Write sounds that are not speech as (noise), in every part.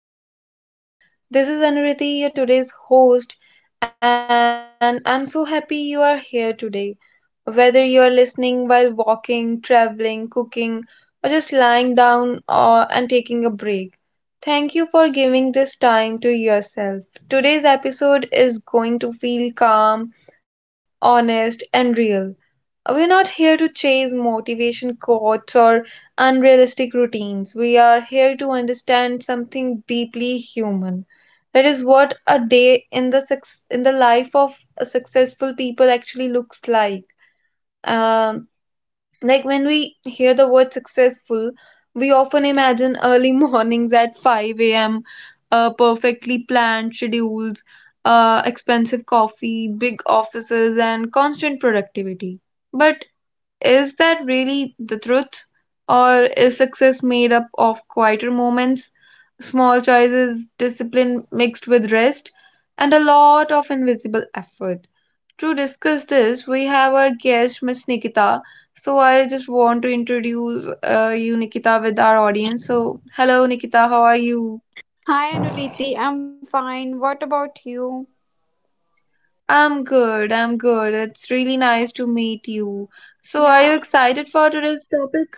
welcome back to the podcast. This is Anuriti, your today's host, and I'm so happy you are here today. Whether you're listening while walking, traveling, cooking, or just lying down or, and taking a break, thank you for giving this time to yourself. Today's episode is going to feel calm, honest, and real. We're not here to chase motivation quotes or unrealistic routines. We are here to understand something deeply human. That is what a day in the in the life of a successful people actually looks like. Um, like when we hear the word successful, we often imagine early (laughs) mornings at 5 a.m., perfectly planned schedules, expensive coffee, big offices, and constant productivity. But is that really the truth? Or is success made up of quieter moments, small choices, discipline mixed with rest, and a lot of invisible effort? To discuss this, we have our guest, Miss Nikita. So I just want to introduce you, Nikita, with our audience. So, hello, Nikita, how are you? Hi Anuriti, I'm fine. What about you? I'm good, I'm good. It's really nice to meet you. So, are you Yeah, excited for today's topic?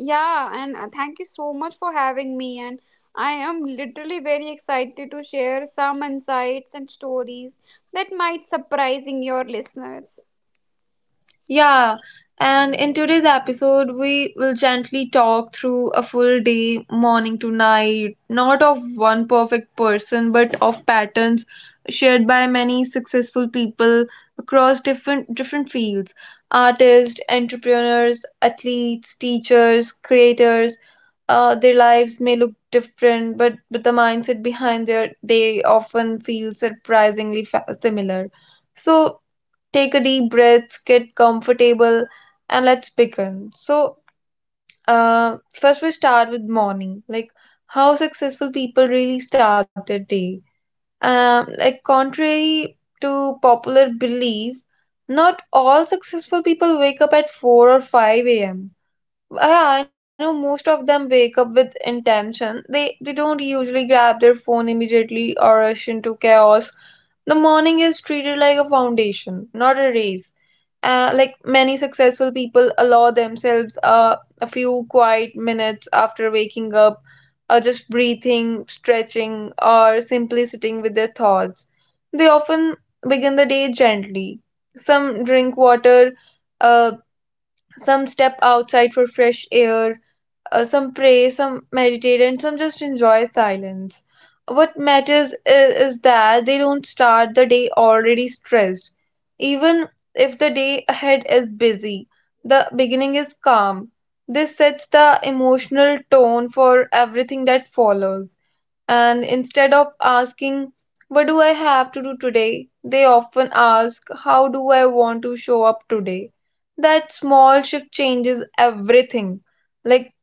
yeah, and Thank you so much for having me. And I am literally very excited to share some insights and stories that might surprising your listeners. Yeah, and in today's episode, we will gently talk through a full day, morning to night, not of one perfect person, but of patterns shared by many successful people across different fields, artists, entrepreneurs, athletes, teachers, creators. Their lives may look different, but the mindset behind their day often feels surprisingly similar. So take a deep breath, get comfortable, and let's begin. So, first we start with morning, like how successful people really start their day. Like contrary to popular belief, not all successful people wake up at 4 or 5 a.m. Yeah, I know most of them wake up with intention. They don't usually grab their phone immediately or rush into chaos. The morning is treated like a foundation, not a race. Like many successful people allow themselves a few quiet minutes after waking up, just breathing, stretching, or simply sitting with their thoughts. They often begin the day gently. Some drink water, uh, some step outside for fresh air, some pray, some meditate, and some just enjoy silence. What matters is that they don't start the day already stressed. Even if the day ahead is busy, the beginning is calm. This sets the emotional tone for everything that follows. And instead of asking, "What do I have to do today?" they often ask, "How do I want to show up today?" That small shift changes everything. Like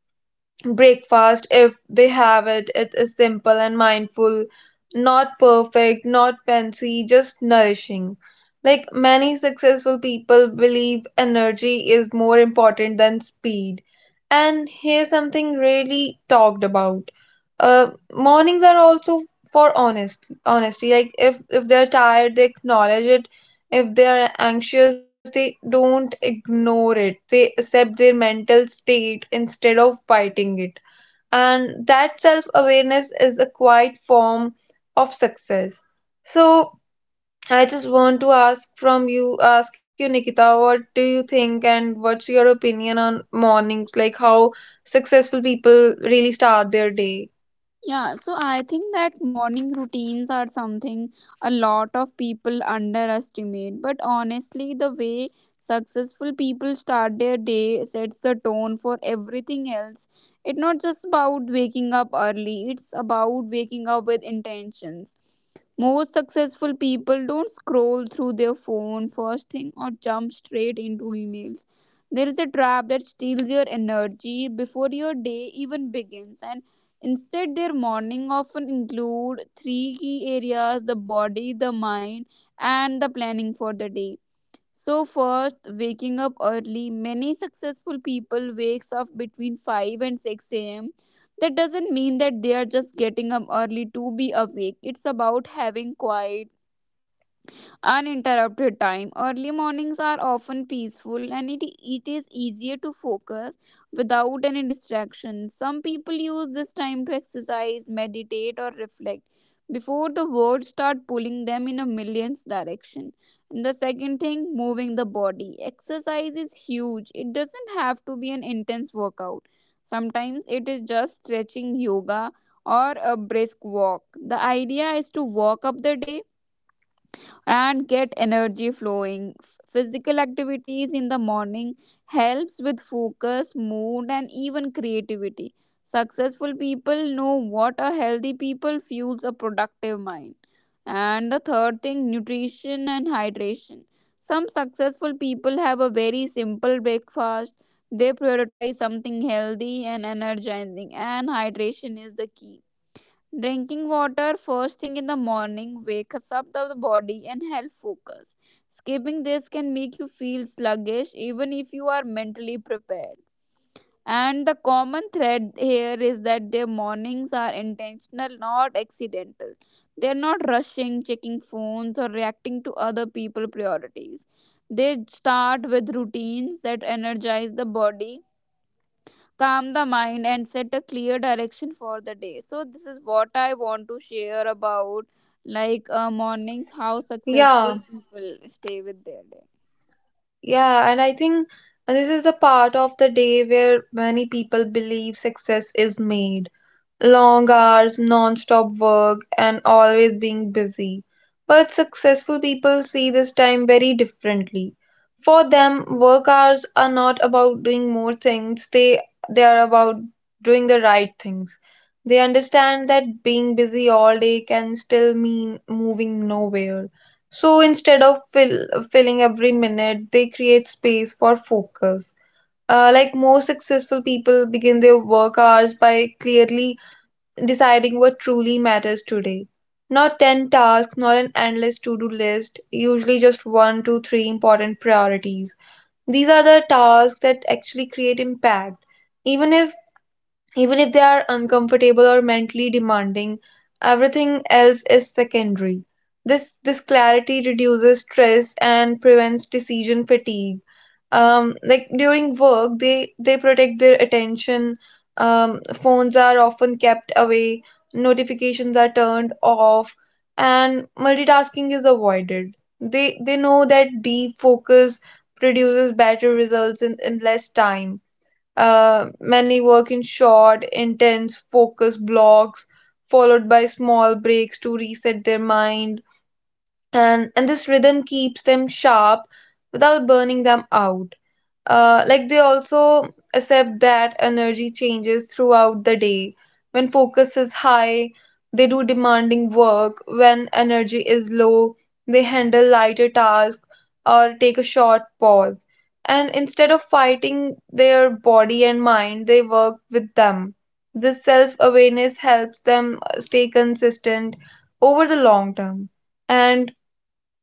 breakfast, if they have it, it is simple and mindful, not perfect, not fancy, just nourishing. Like many successful people believe energy is more important than speed. And here's something really talked about. uh Mornings are also for honesty. Like if they're tired, they acknowledge it. If they are anxious, they don't ignore it. They accept their mental state instead of fighting it, and that self awareness is a quiet form of success. So I just want to ask you, Nikita, what do you think, and what's your opinion on mornings, like how successful people really start their day? Yeah, so I think that morning routines are something a lot of people underestimate. But honestly, the way successful people start their day sets the tone for everything else. It's not just about waking up early, it's about waking up with intentions. Most successful people don't scroll through their phone first thing or jump straight into emails. There is a trap that steals your energy before your day even begins, and instead, their morning often include three key areas, the body, the mind, and the planning for the day. So first, waking up early. Many successful people wakes up between 5 and 6 a.m. That doesn't mean that they are just getting up early to be awake. It's about having quiet uninterrupted time. Early mornings are often peaceful and it is easier to focus without any distraction. Some people use this time to exercise, meditate, or reflect before the words start pulling them in a millions direction. And the second thing, moving the body. Exercise is huge. It doesn't have to be an intense workout. Sometimes it is just stretching yoga or a brisk walk. The idea is to walk up the day and get energy flowing. Physical activities in the morning helps with focus, mood and even creativity. Successful people know what a healthy people fuels a productive mind. And the third thing, nutrition and hydration. Some successful people have a very simple breakfast. They prioritize something healthy and energizing and hydration is the key. Drinking water first thing in the morning wakes up the body and helps focus. Skipping this can make you feel sluggish even if you are mentally prepared. And the common thread here is that their mornings are intentional, not accidental. They are not rushing, checking phones, or reacting to other people's priorities. They start with routines that energize the body, calm the mind and set a clear direction for the day. So this is what I want to share about, like, mornings, how Yeah, successful people stay with their day. yeah and I think this is a part of the day where many people believe success is made, long hours, non-stop work, and always being busy. But successful people see this time very differently. For them, work hours are not about doing more things, they are about doing the right things. They understand that being busy all day can still mean moving nowhere. So instead of filling every minute, they create space for focus. Like most successful people begin their work hours by clearly deciding what truly matters today. Not 10 tasks, not an endless to do list, usually just 1 to 3 important priorities. These are the tasks that actually create impact. Even if Even if they are uncomfortable or mentally demanding, everything else is secondary. This clarity reduces stress and prevents decision fatigue. Like during work, they protect their attention. um Phones are often kept away, notifications are turned off, and multitasking is avoided. They know that deep focus produces better results in less time. Many work in short, intense, focused blocks, followed by small breaks to reset their mind. And this rhythm keeps them sharp without burning them out. Like they also accept that energy changes throughout the day. When focus is high, they do demanding work. When energy is low, they handle lighter tasks or take a short pause. And instead of fighting their body and mind, they work with them. This self awareness helps them stay consistent over the long term. And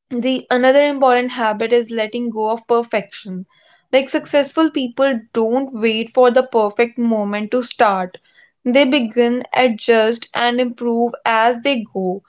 the another important habit is letting go of perfection. Like successful people don't wait for the perfect moment to start. They begin, adjust, and improve as they go,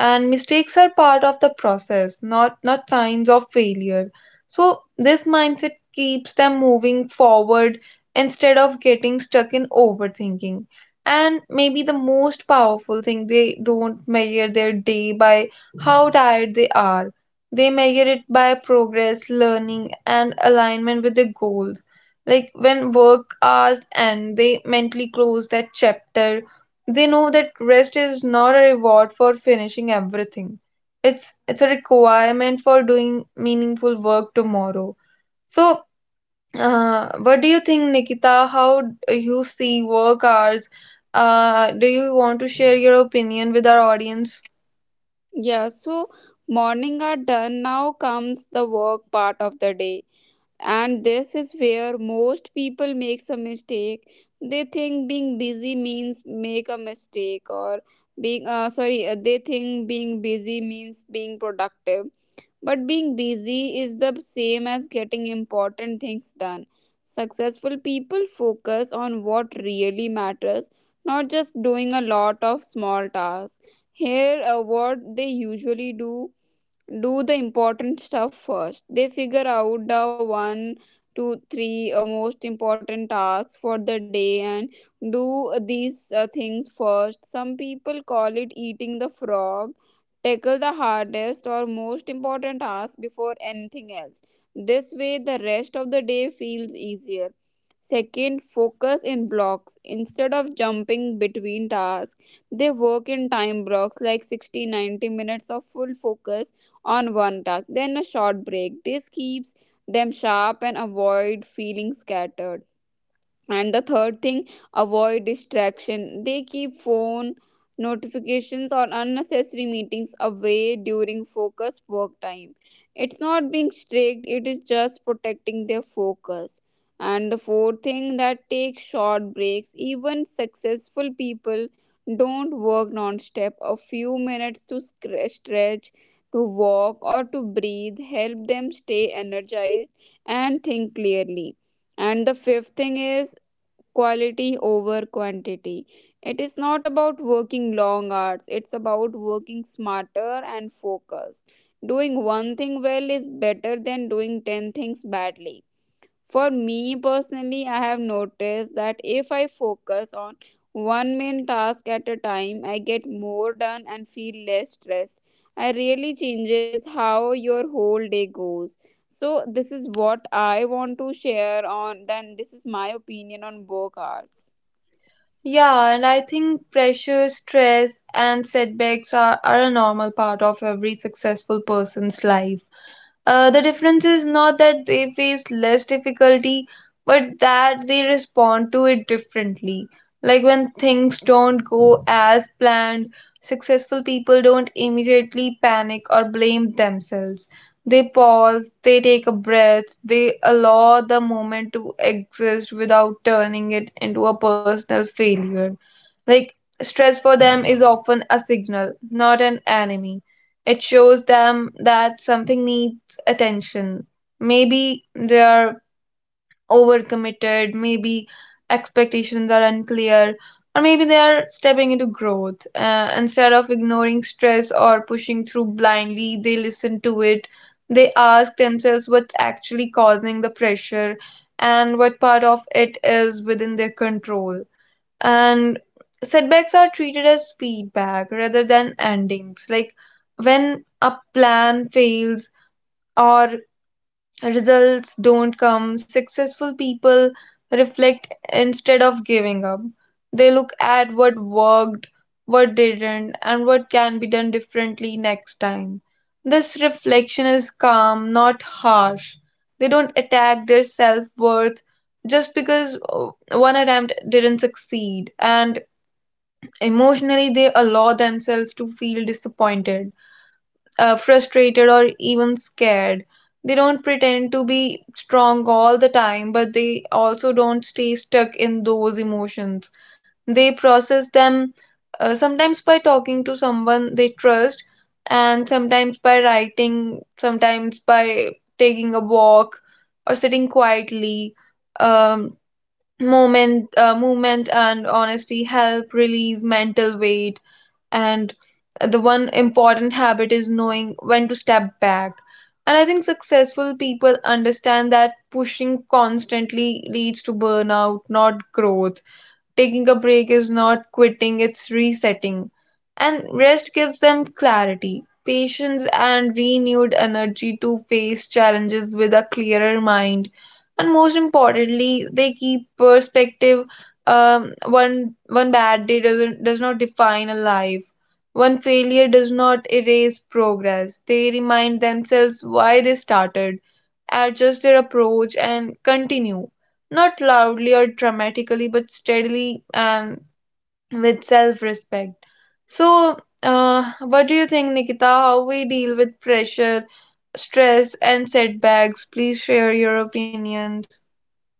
and mistakes are part of the process, not signs of failure. So this mindset keeps them moving forward instead of getting stuck in overthinking. And maybe the most powerful thing, they don't measure their day by how tired they are. They measure it by progress, learning, and alignment with their goals. Like when work hours end, they mentally close that chapter. They know that rest is not a reward for finishing everything. It's a requirement for doing meaningful work tomorrow. So, what do you think, Nikita? How you see work hours? Do you want to share your opinion with our audience? Yeah, so morning are done, now comes the work part of the day, and this is where most people makes a mistake. They think being busy means make a mistake, or being sorry, they think being busy means being productive. But being busy is the same as getting important things done. Successful people focus on what really matters, not just doing a lot of small tasks. Here, what they usually do, do the important stuff first. They figure out the one, two, three most important tasks for the day and do these things first. Some people call it eating the frog. Tackle the hardest or most important task before anything else. This way, the rest of the day feels easier. Second, focus in blocks. Instead of jumping between tasks, they work in time blocks like 60, 90 minutes of full focus on one task, then a short break. This keeps them sharp and avoid feeling scattered. And the third thing, avoid distraction. They keep phone notifications or unnecessary meetings away during focus work time. It's not being strict, it is just protecting their focus. And the fourth thing, that take short breaks. Even successful people don't work non-stop. A few minutes to stretch, to walk or to breathe help them stay energized and think clearly. And the fifth thing is quality over quantity. It is not about working long hours, it's about working smarter and focused. Doing one thing well is better than doing 10 things badly. For me personally, I have noticed that if I focus on one main task at a time, I get more done and feel less stressed. I really changes how your whole day goes. So this is what I want to share on, then this is my opinion on work hours. Yeah, and I think pressure, stress, and setbacks are a normal part of every successful person's life. The difference is not that they face less difficulty, but that they respond to it differently. Like when things don't go as planned, successful people don't immediately panic or blame themselves. They pause, they take a breath, they allow the moment to exist without turning it into a personal failure. Like, stress for them is often a signal, not an enemy. It shows them that something needs attention. Maybe they are overcommitted, maybe expectations are unclear, or maybe they are stepping into growth. Instead of ignoring stress or pushing through blindly, they listen to it. They ask themselves what's actually causing the pressure and what part of it is within their control. And setbacks are treated as feedback rather than endings. Like when a plan fails, or results don't come. Successful people reflect instead of giving up. They look at what worked, what didn't, and what can be done differently next time. This reflection is calm, not harsh. They don't attack their self worth just because one attempt didn't succeed, and emotionally, they allow themselves to feel disappointed, frustrated, or even scared. They don't pretend to be strong all the time, but they also don't stay stuck in those emotions. They process them, sometimes by talking to someone they trust, and sometimes by writing, sometimes by taking a walk or sitting quietly. Um, movement and honesty help release mental weight, and the one important habit is knowing when to step back. And I think successful people understand that pushing constantly leads to burnout, not growth. Taking a break is not quitting, it's resetting. And rest gives them clarity, patience, and renewed energy to face challenges with a clearer mind. And most importantly, they keep perspective. One bad day does not define a life. One failure does not erase progress. They remind themselves why they started, adjust their approach, and continue, not loudly or dramatically, but steadily and with self respect. So, what do you think, Nikita? How we deal with pressure, stress, and setbacks? Please share your opinions.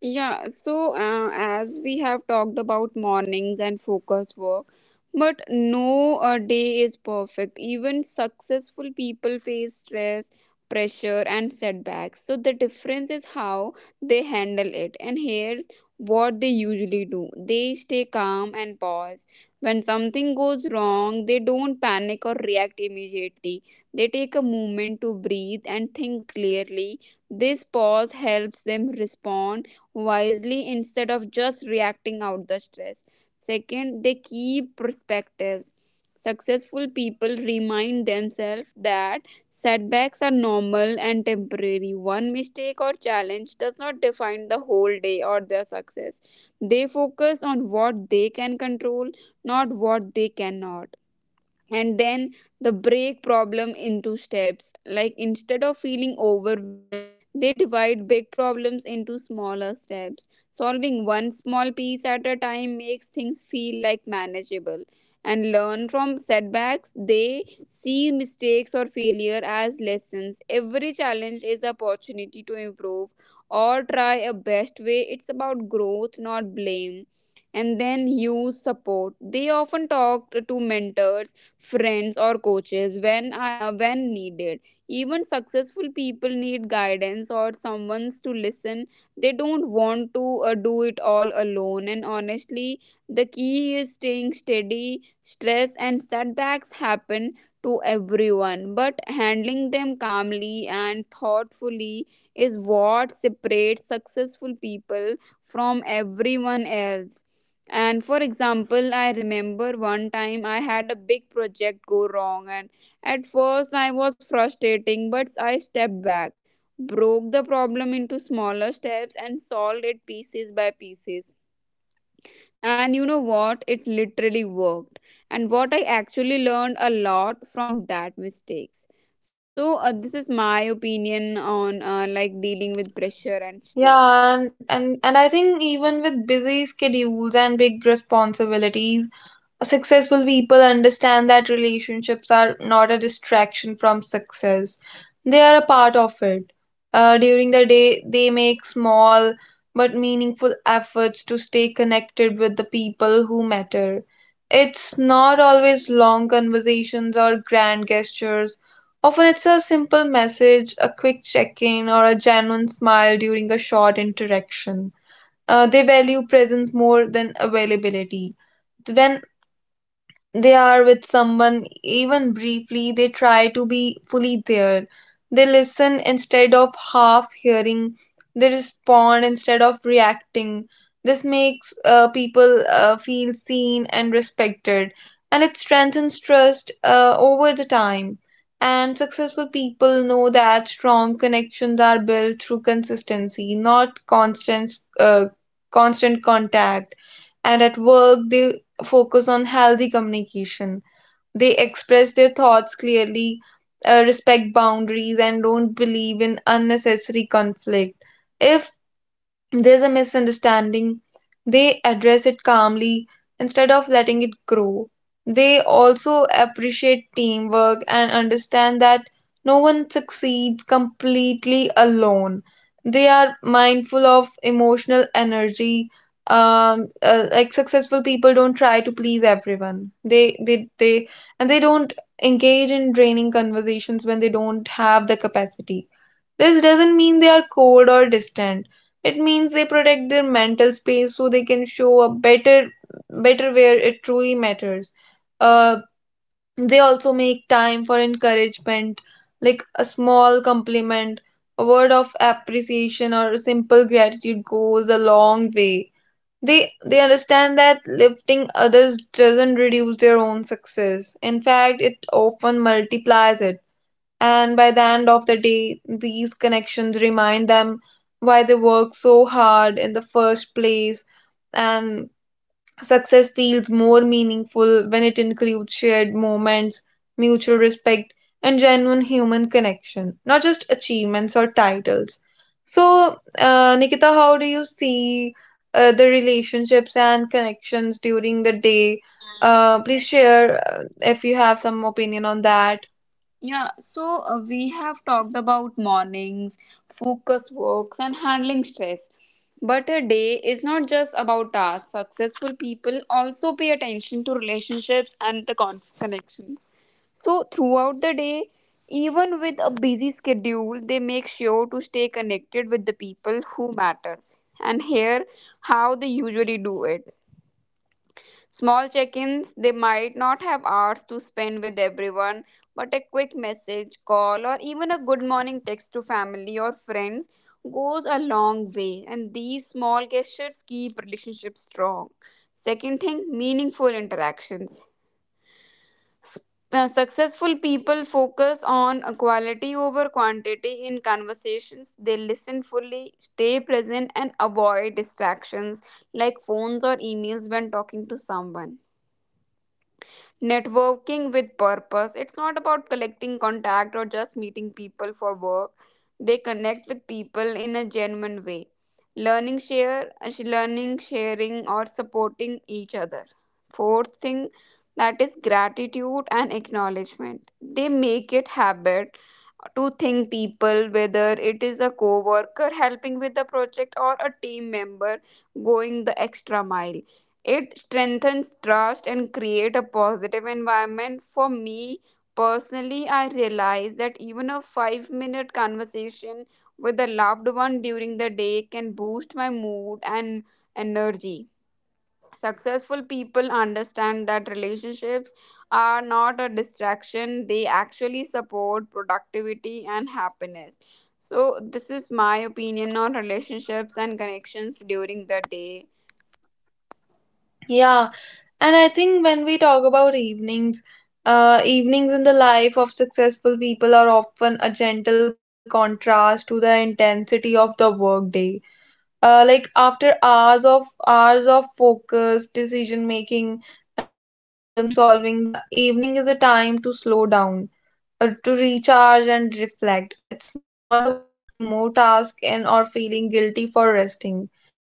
Yeah, so as we have talked about mornings and focus work, but no day is perfect. Even successful people face stress, pressure, and setbacks. So the difference is how they handle it. And here's what they usually do, they stay calm and pause. When something goes wrong, they don't panic or react immediately. They take a moment to breathe and think clearly. This pause helps them respond wisely instead of just reacting out the stress. Second, they keep perspectives. Successful people remind themselves that setbacks are normal and temporary. One mistake or challenge does not define the whole day or their success. They focus on what they can control, not what they cannot. And then the break problem into steps, like instead of feeling overwhelmed they divide big problems into smaller steps, solving one small piece at a time makes things feel like manageable. And learn from setbacks, they see mistakes or failure as lessons. Every challenge is opportunity to improve or try a best way. It's about growth, not blame. And then use support, they often talk to mentors, friends or coaches when when needed. Even successful people need guidance or someone to listen. They don't want to do it all alone. And honestly, the key is staying steady. Stress and setbacks happen to everyone, but handling them calmly and thoughtfully is what separates successful people from everyone else. And for example, I remember one time I had a big project go wrong, and at first I was frustrating, but I stepped back, broke the problem into smaller steps, and solved it pieces by pieces. And you know what? It literally worked. And what I actually learned a lot from that mistakes. So this is my opinion on, like dealing with pressure and stress. Yeah, and I think even with busy schedules and big responsibilities, successful people understand that relationships are not a distraction from success, they are a part of it. During the day they make small but meaningful efforts to stay connected with the people who matter. It's not always long conversations or grand gestures, often it's a simple message, a quick check-in, or a genuine smile during a short interaction. They value presence more than availability. When they are with someone, even briefly, they try to be fully there. They listen instead of half hearing, they respond instead of reacting. This makes people feel seen and respected, and it strengthens trust over the time. And successful people know that strong connections are built through consistency, not uh, constant contact. And at work, they focus on healthy communication. They express their thoughts clearly, respect boundaries, and don't believe in unnecessary conflict. If there's a misunderstanding, they address it calmly instead of letting it grow. They also appreciate teamwork and understand that no one succeeds completely alone. They are mindful of emotional energy. Like successful people don't try to please everyone. And they don't engage in draining conversations when they don't have the capacity. This doesn't mean they are cold or distant. It means they protect their mental space so they can show up better where it truly matters. Uh, they also make time for encouragement, like a small compliment, a word of appreciation or a simple gratitude goes a long way. They understand that lifting others doesn't reduce their own success. In fact, it often multiplies it. And by the end of the day, these connections remind them why they work so hard in the first place. And success feels more meaningful when it includes shared moments, mutual respect, and genuine human connection, not just achievements or titles. So, Nikita, how do you see the relationships and connections during the day? Please share if you have some opinion on that. Yeah, so we have talked about mornings, focus works, and handling stress. But a day is not just about tasks. Successful people also pay attention to relationships and the connections. So, throughout the day, even with a busy schedule, they make sure to stay connected with the people who matters. And here, how they usually do it. Small check ins, they might not have hours to spend with everyone, but a quick message, call, or even a good morning text to family or friends goes a long way, and these small gestures keep relationships strong. Second thing, meaningful interactions. S- Successful people focus on quality over quantity in conversations. They listen fully, stay present, and avoid distractions like phones or emails when talking to someone. Networking with purpose, it's not about collecting contact or just meeting people for work, they connect with people in a genuine way, learning share, learning sharing or supporting each other. Fourth thing, that is gratitude and acknowledgement. They make it habit to thank people, whether it is a co-worker helping with the project or a team member going the extra mile. It strengthens trust and create a positive environment. For me personally, I realize that even a 5-minute conversation with a loved one during the day can boost my mood and energy. Successful people understand that relationships are not a distraction, they actually support productivity and happiness. So, this is my opinion on relationships and connections during the day. Yeah, and I think when we talk about evenings, evenings in the life of successful people are often a gentle contrast to the intensity of the workday. Like after hours of focus, decision making, and problem solving, the evening is a time to slow down, to recharge and reflect. It's not about cramming more tasks in or feeling guilty for resting.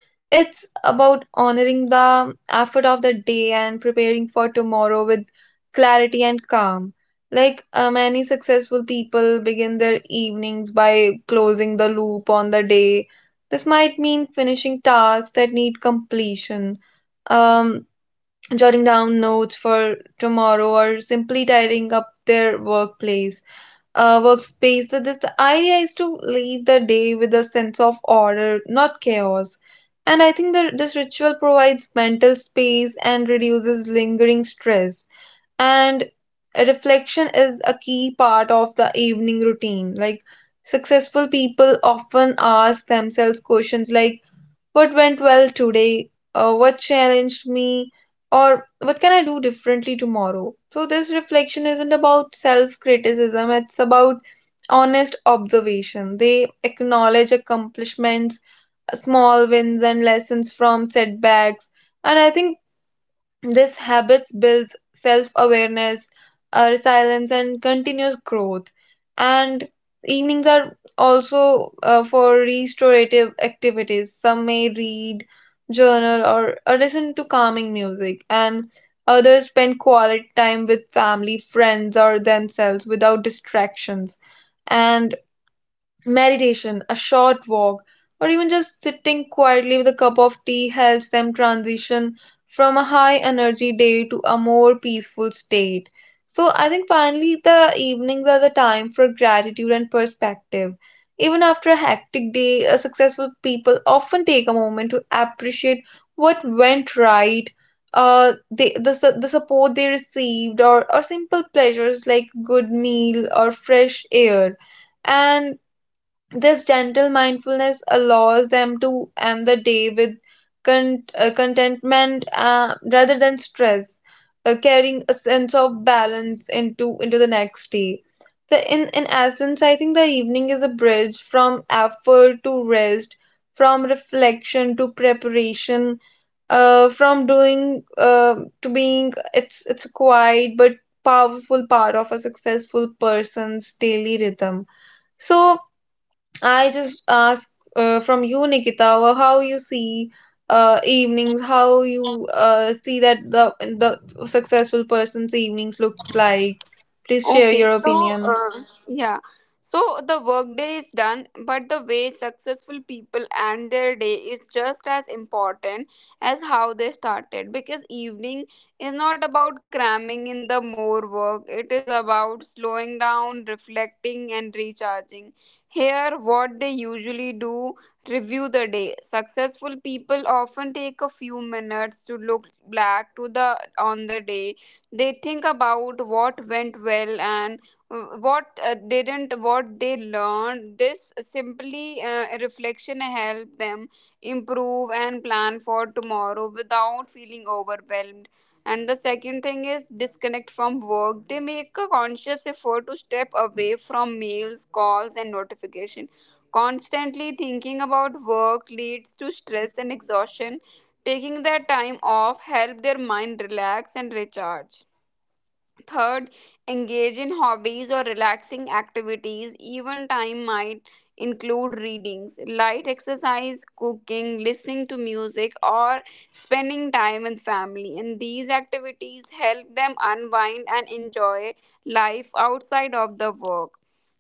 It's about honoring the effort of the day and preparing for tomorrow with clarity and calm. Like many successful people begin their evenings by closing the loop on the day. This might mean finishing tasks that need completion, um, jotting down notes for tomorrow, or simply tidying up their workplace workspace. That this The idea is to leave the day with a sense of order, not chaos, and I think that this ritual provides mental space and reduces lingering stress. And reflection is a key part of the evening routine. Like successful people often ask themselves questions like, what went well today? What challenged me? Or what can I do differently tomorrow? So, this reflection isn't about self criticism, it's about honest observation. They acknowledge accomplishments, small wins, and lessons from setbacks. And I think this habits builds self-awareness, resilience, and continuous growth. And evenings are also for restorative activities. Some may read, journal, or listen to calming music, and others spend quality time with family, friends, or themselves without distractions. And meditation, a short walk, or even just sitting quietly with a cup of tea helps them transition from a high energy day to a more peaceful state. So, I think finally the evenings are the time for gratitude and perspective. Even after a hectic day, successful people often take a moment to appreciate what went right, the support they received, or simple pleasures like good meal or fresh air. And this gentle mindfulness allows them to end the day with contentment rather than stress, carrying a sense of balance into the next day. The, in essence, I think the evening is a bridge from effort to rest, from reflection to preparation, from doing to being. It's a quiet but powerful part of a successful person's daily rhythm. So I just ask from you, Nikita, how you see evenings, how you see that the successful person's evenings looks like. Please Okay, share your so opinion. Yeah, so the workday is done, but the way successful people end their day is just as important as how they started, because evening is not about cramming in the more work, it is about slowing down, reflecting, and recharging. Here, what they usually do, review the day. Successful people often take a few minutes to look back to the on the day, they think about what went well and what didn't, what they learned. This simply reflection help them improve and plan for tomorrow without feeling overwhelmed. And the second thing is disconnect from work, they make a conscious effort to step away from mails, calls and notification. Constantly thinking about work leads to stress and exhaustion. Taking their time off help their mind relax and recharge. Third, engage in hobbies or relaxing activities. Even time might include readings, light exercise, cooking, listening to music, or spending time with family. And these activities help them unwind and enjoy life outside of the work.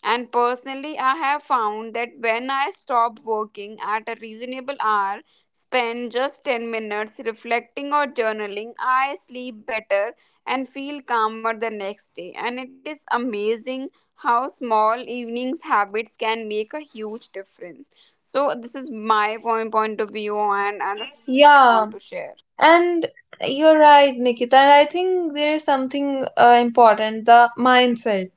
And personally, I have found that when I stop working at a reasonable hour, spend just 10 minutes reflecting or journaling, I sleep better and feel calmer the next day. And it is amazing how small evenings habits can make a huge difference. So this is my point of view and this is what I want Yeah, to share. and you're right, Nikita. And I think there is something important, the mindset.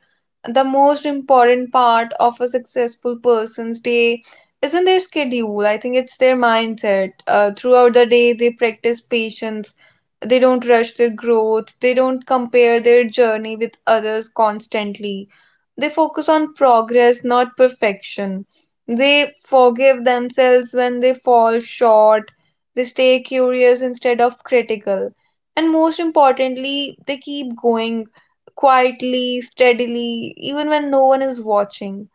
The most important part of a successful person's day isn't their schedule. I think it's their mindset. Throughout the day, they practice patience. They don't rush their growth. They don't compare their journey with others constantly. They focus on progress, not perfection. They forgive themselves when they fall short. They stay curious instead of critical. And most importantly, they keep going quietly, steadily, even when no one is watching.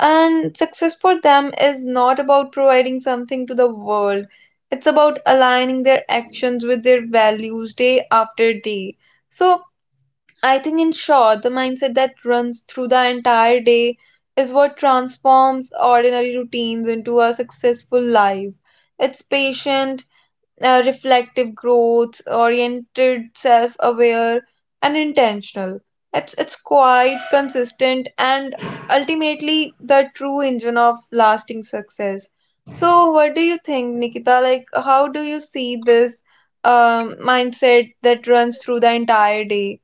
And success for them is not about providing something to the world, it's about aligning their actions with their values day after day. So, I think, in short, the mindset that runs through the entire day is what transforms ordinary routines into a successful life. It's patient, reflective growth, oriented, self aware, and intentional. It's quite consistent and ultimately the true engine of lasting success. So, what do you think, Nikita? Like, how do you see this mindset that runs through the entire day?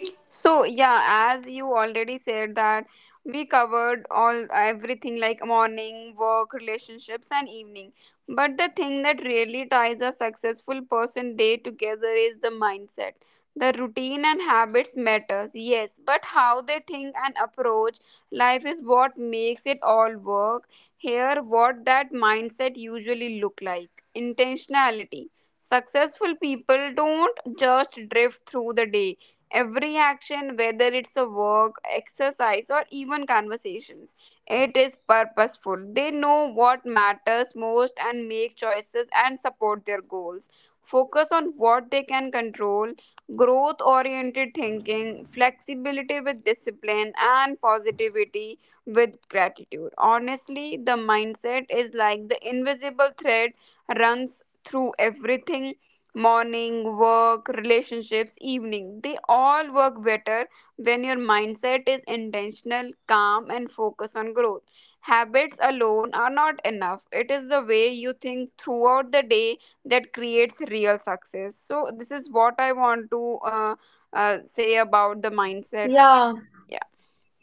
So yeah, as you already said that we covered all everything like morning, work, relationships and evening. But the thing that really ties a successful person day together is the mindset. The routine and habits matters, yes, but how they think and approach life is what makes it all work. Here what that mindset usually look like. Intentionality. Successful people don't just drift through the day. Every action, whether it's a work, exercise, or even conversations, it is purposeful. They know what matters most and make choices and support their goals. Focus on what they can control, growth oriented thinking, flexibility with discipline, and positivity with gratitude. Honestly, the mindset is like the invisible thread runs through everything, morning, work, relationships, evening. They all work better when your mindset is intentional, calm, and focused on growth. Habits alone are not enough. It is the way you think throughout the day that creates real success. So, this is what I want to say about the mindset. Yeah. Yeah.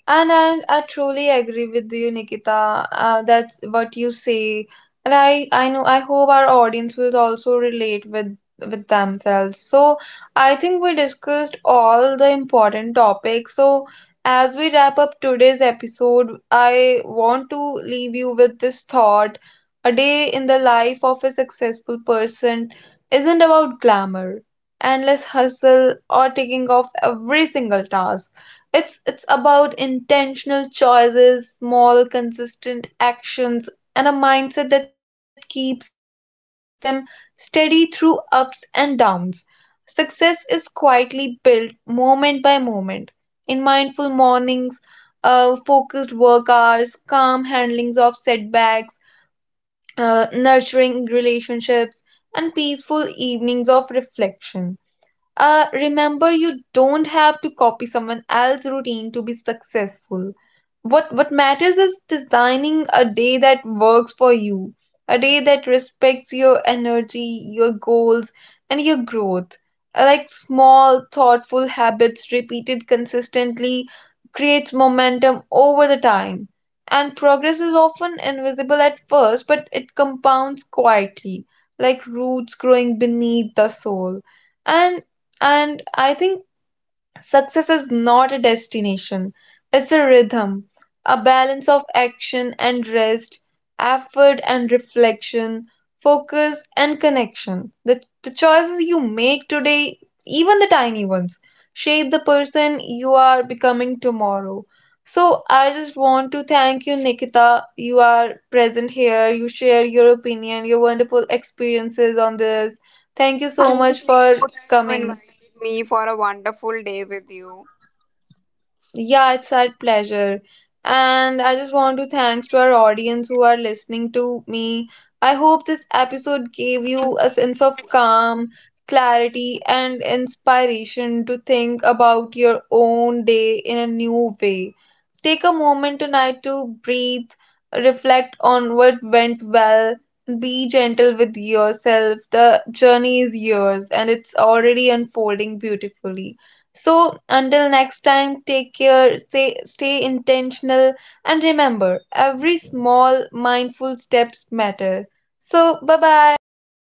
And I truly agree with you, Nikita. That's what you say, and I know I hope our audience will also relate with themselves. So I think we discussed all the important topics. So as we wrap up today's episode, I want to leave you with this thought: a day in the life of a successful person isn't about glamour, endless hustle, or taking off every single task. It's about intentional choices, small consistent actions and a mindset that keeps them steady through ups and downs. Success is quietly built moment by moment in mindful mornings, focused work hours, calm handlings of setbacks, nurturing relationships and peaceful evenings of reflection. Remember, you don't have to copy someone else's routine to be successful. What matters is designing a day that works for you, a day that respects your energy, your goals, and your growth. Like small, thoughtful habits repeated consistently creates momentum over the time. And progress is often invisible at first, but it compounds quietly, like roots growing beneath the soil. And and I think success is not a destination, it's a rhythm, a balance of action and rest, effort and reflection, focus and connection. The choices you make today, even the tiny ones, shape the person you are becoming tomorrow. So I just want to thank you, Nikita. You are present here, you share your opinion, your wonderful experiences on this. Thank you so Thank you much so for much that you coming. invited me for a wonderful day with you. Yeah, it's our pleasure. And I just want to thanks to our audience who are listening to me. I hope this episode gave you a sense of calm, clarity, and inspiration to think about your own day in a new way. Take a moment tonight to breathe, reflect on what went well, be gentle with yourself. The journey is yours and it's already unfolding beautifully. So, until next time, take care, stay intentional, and remember every small mindful steps matter. So, bye bye.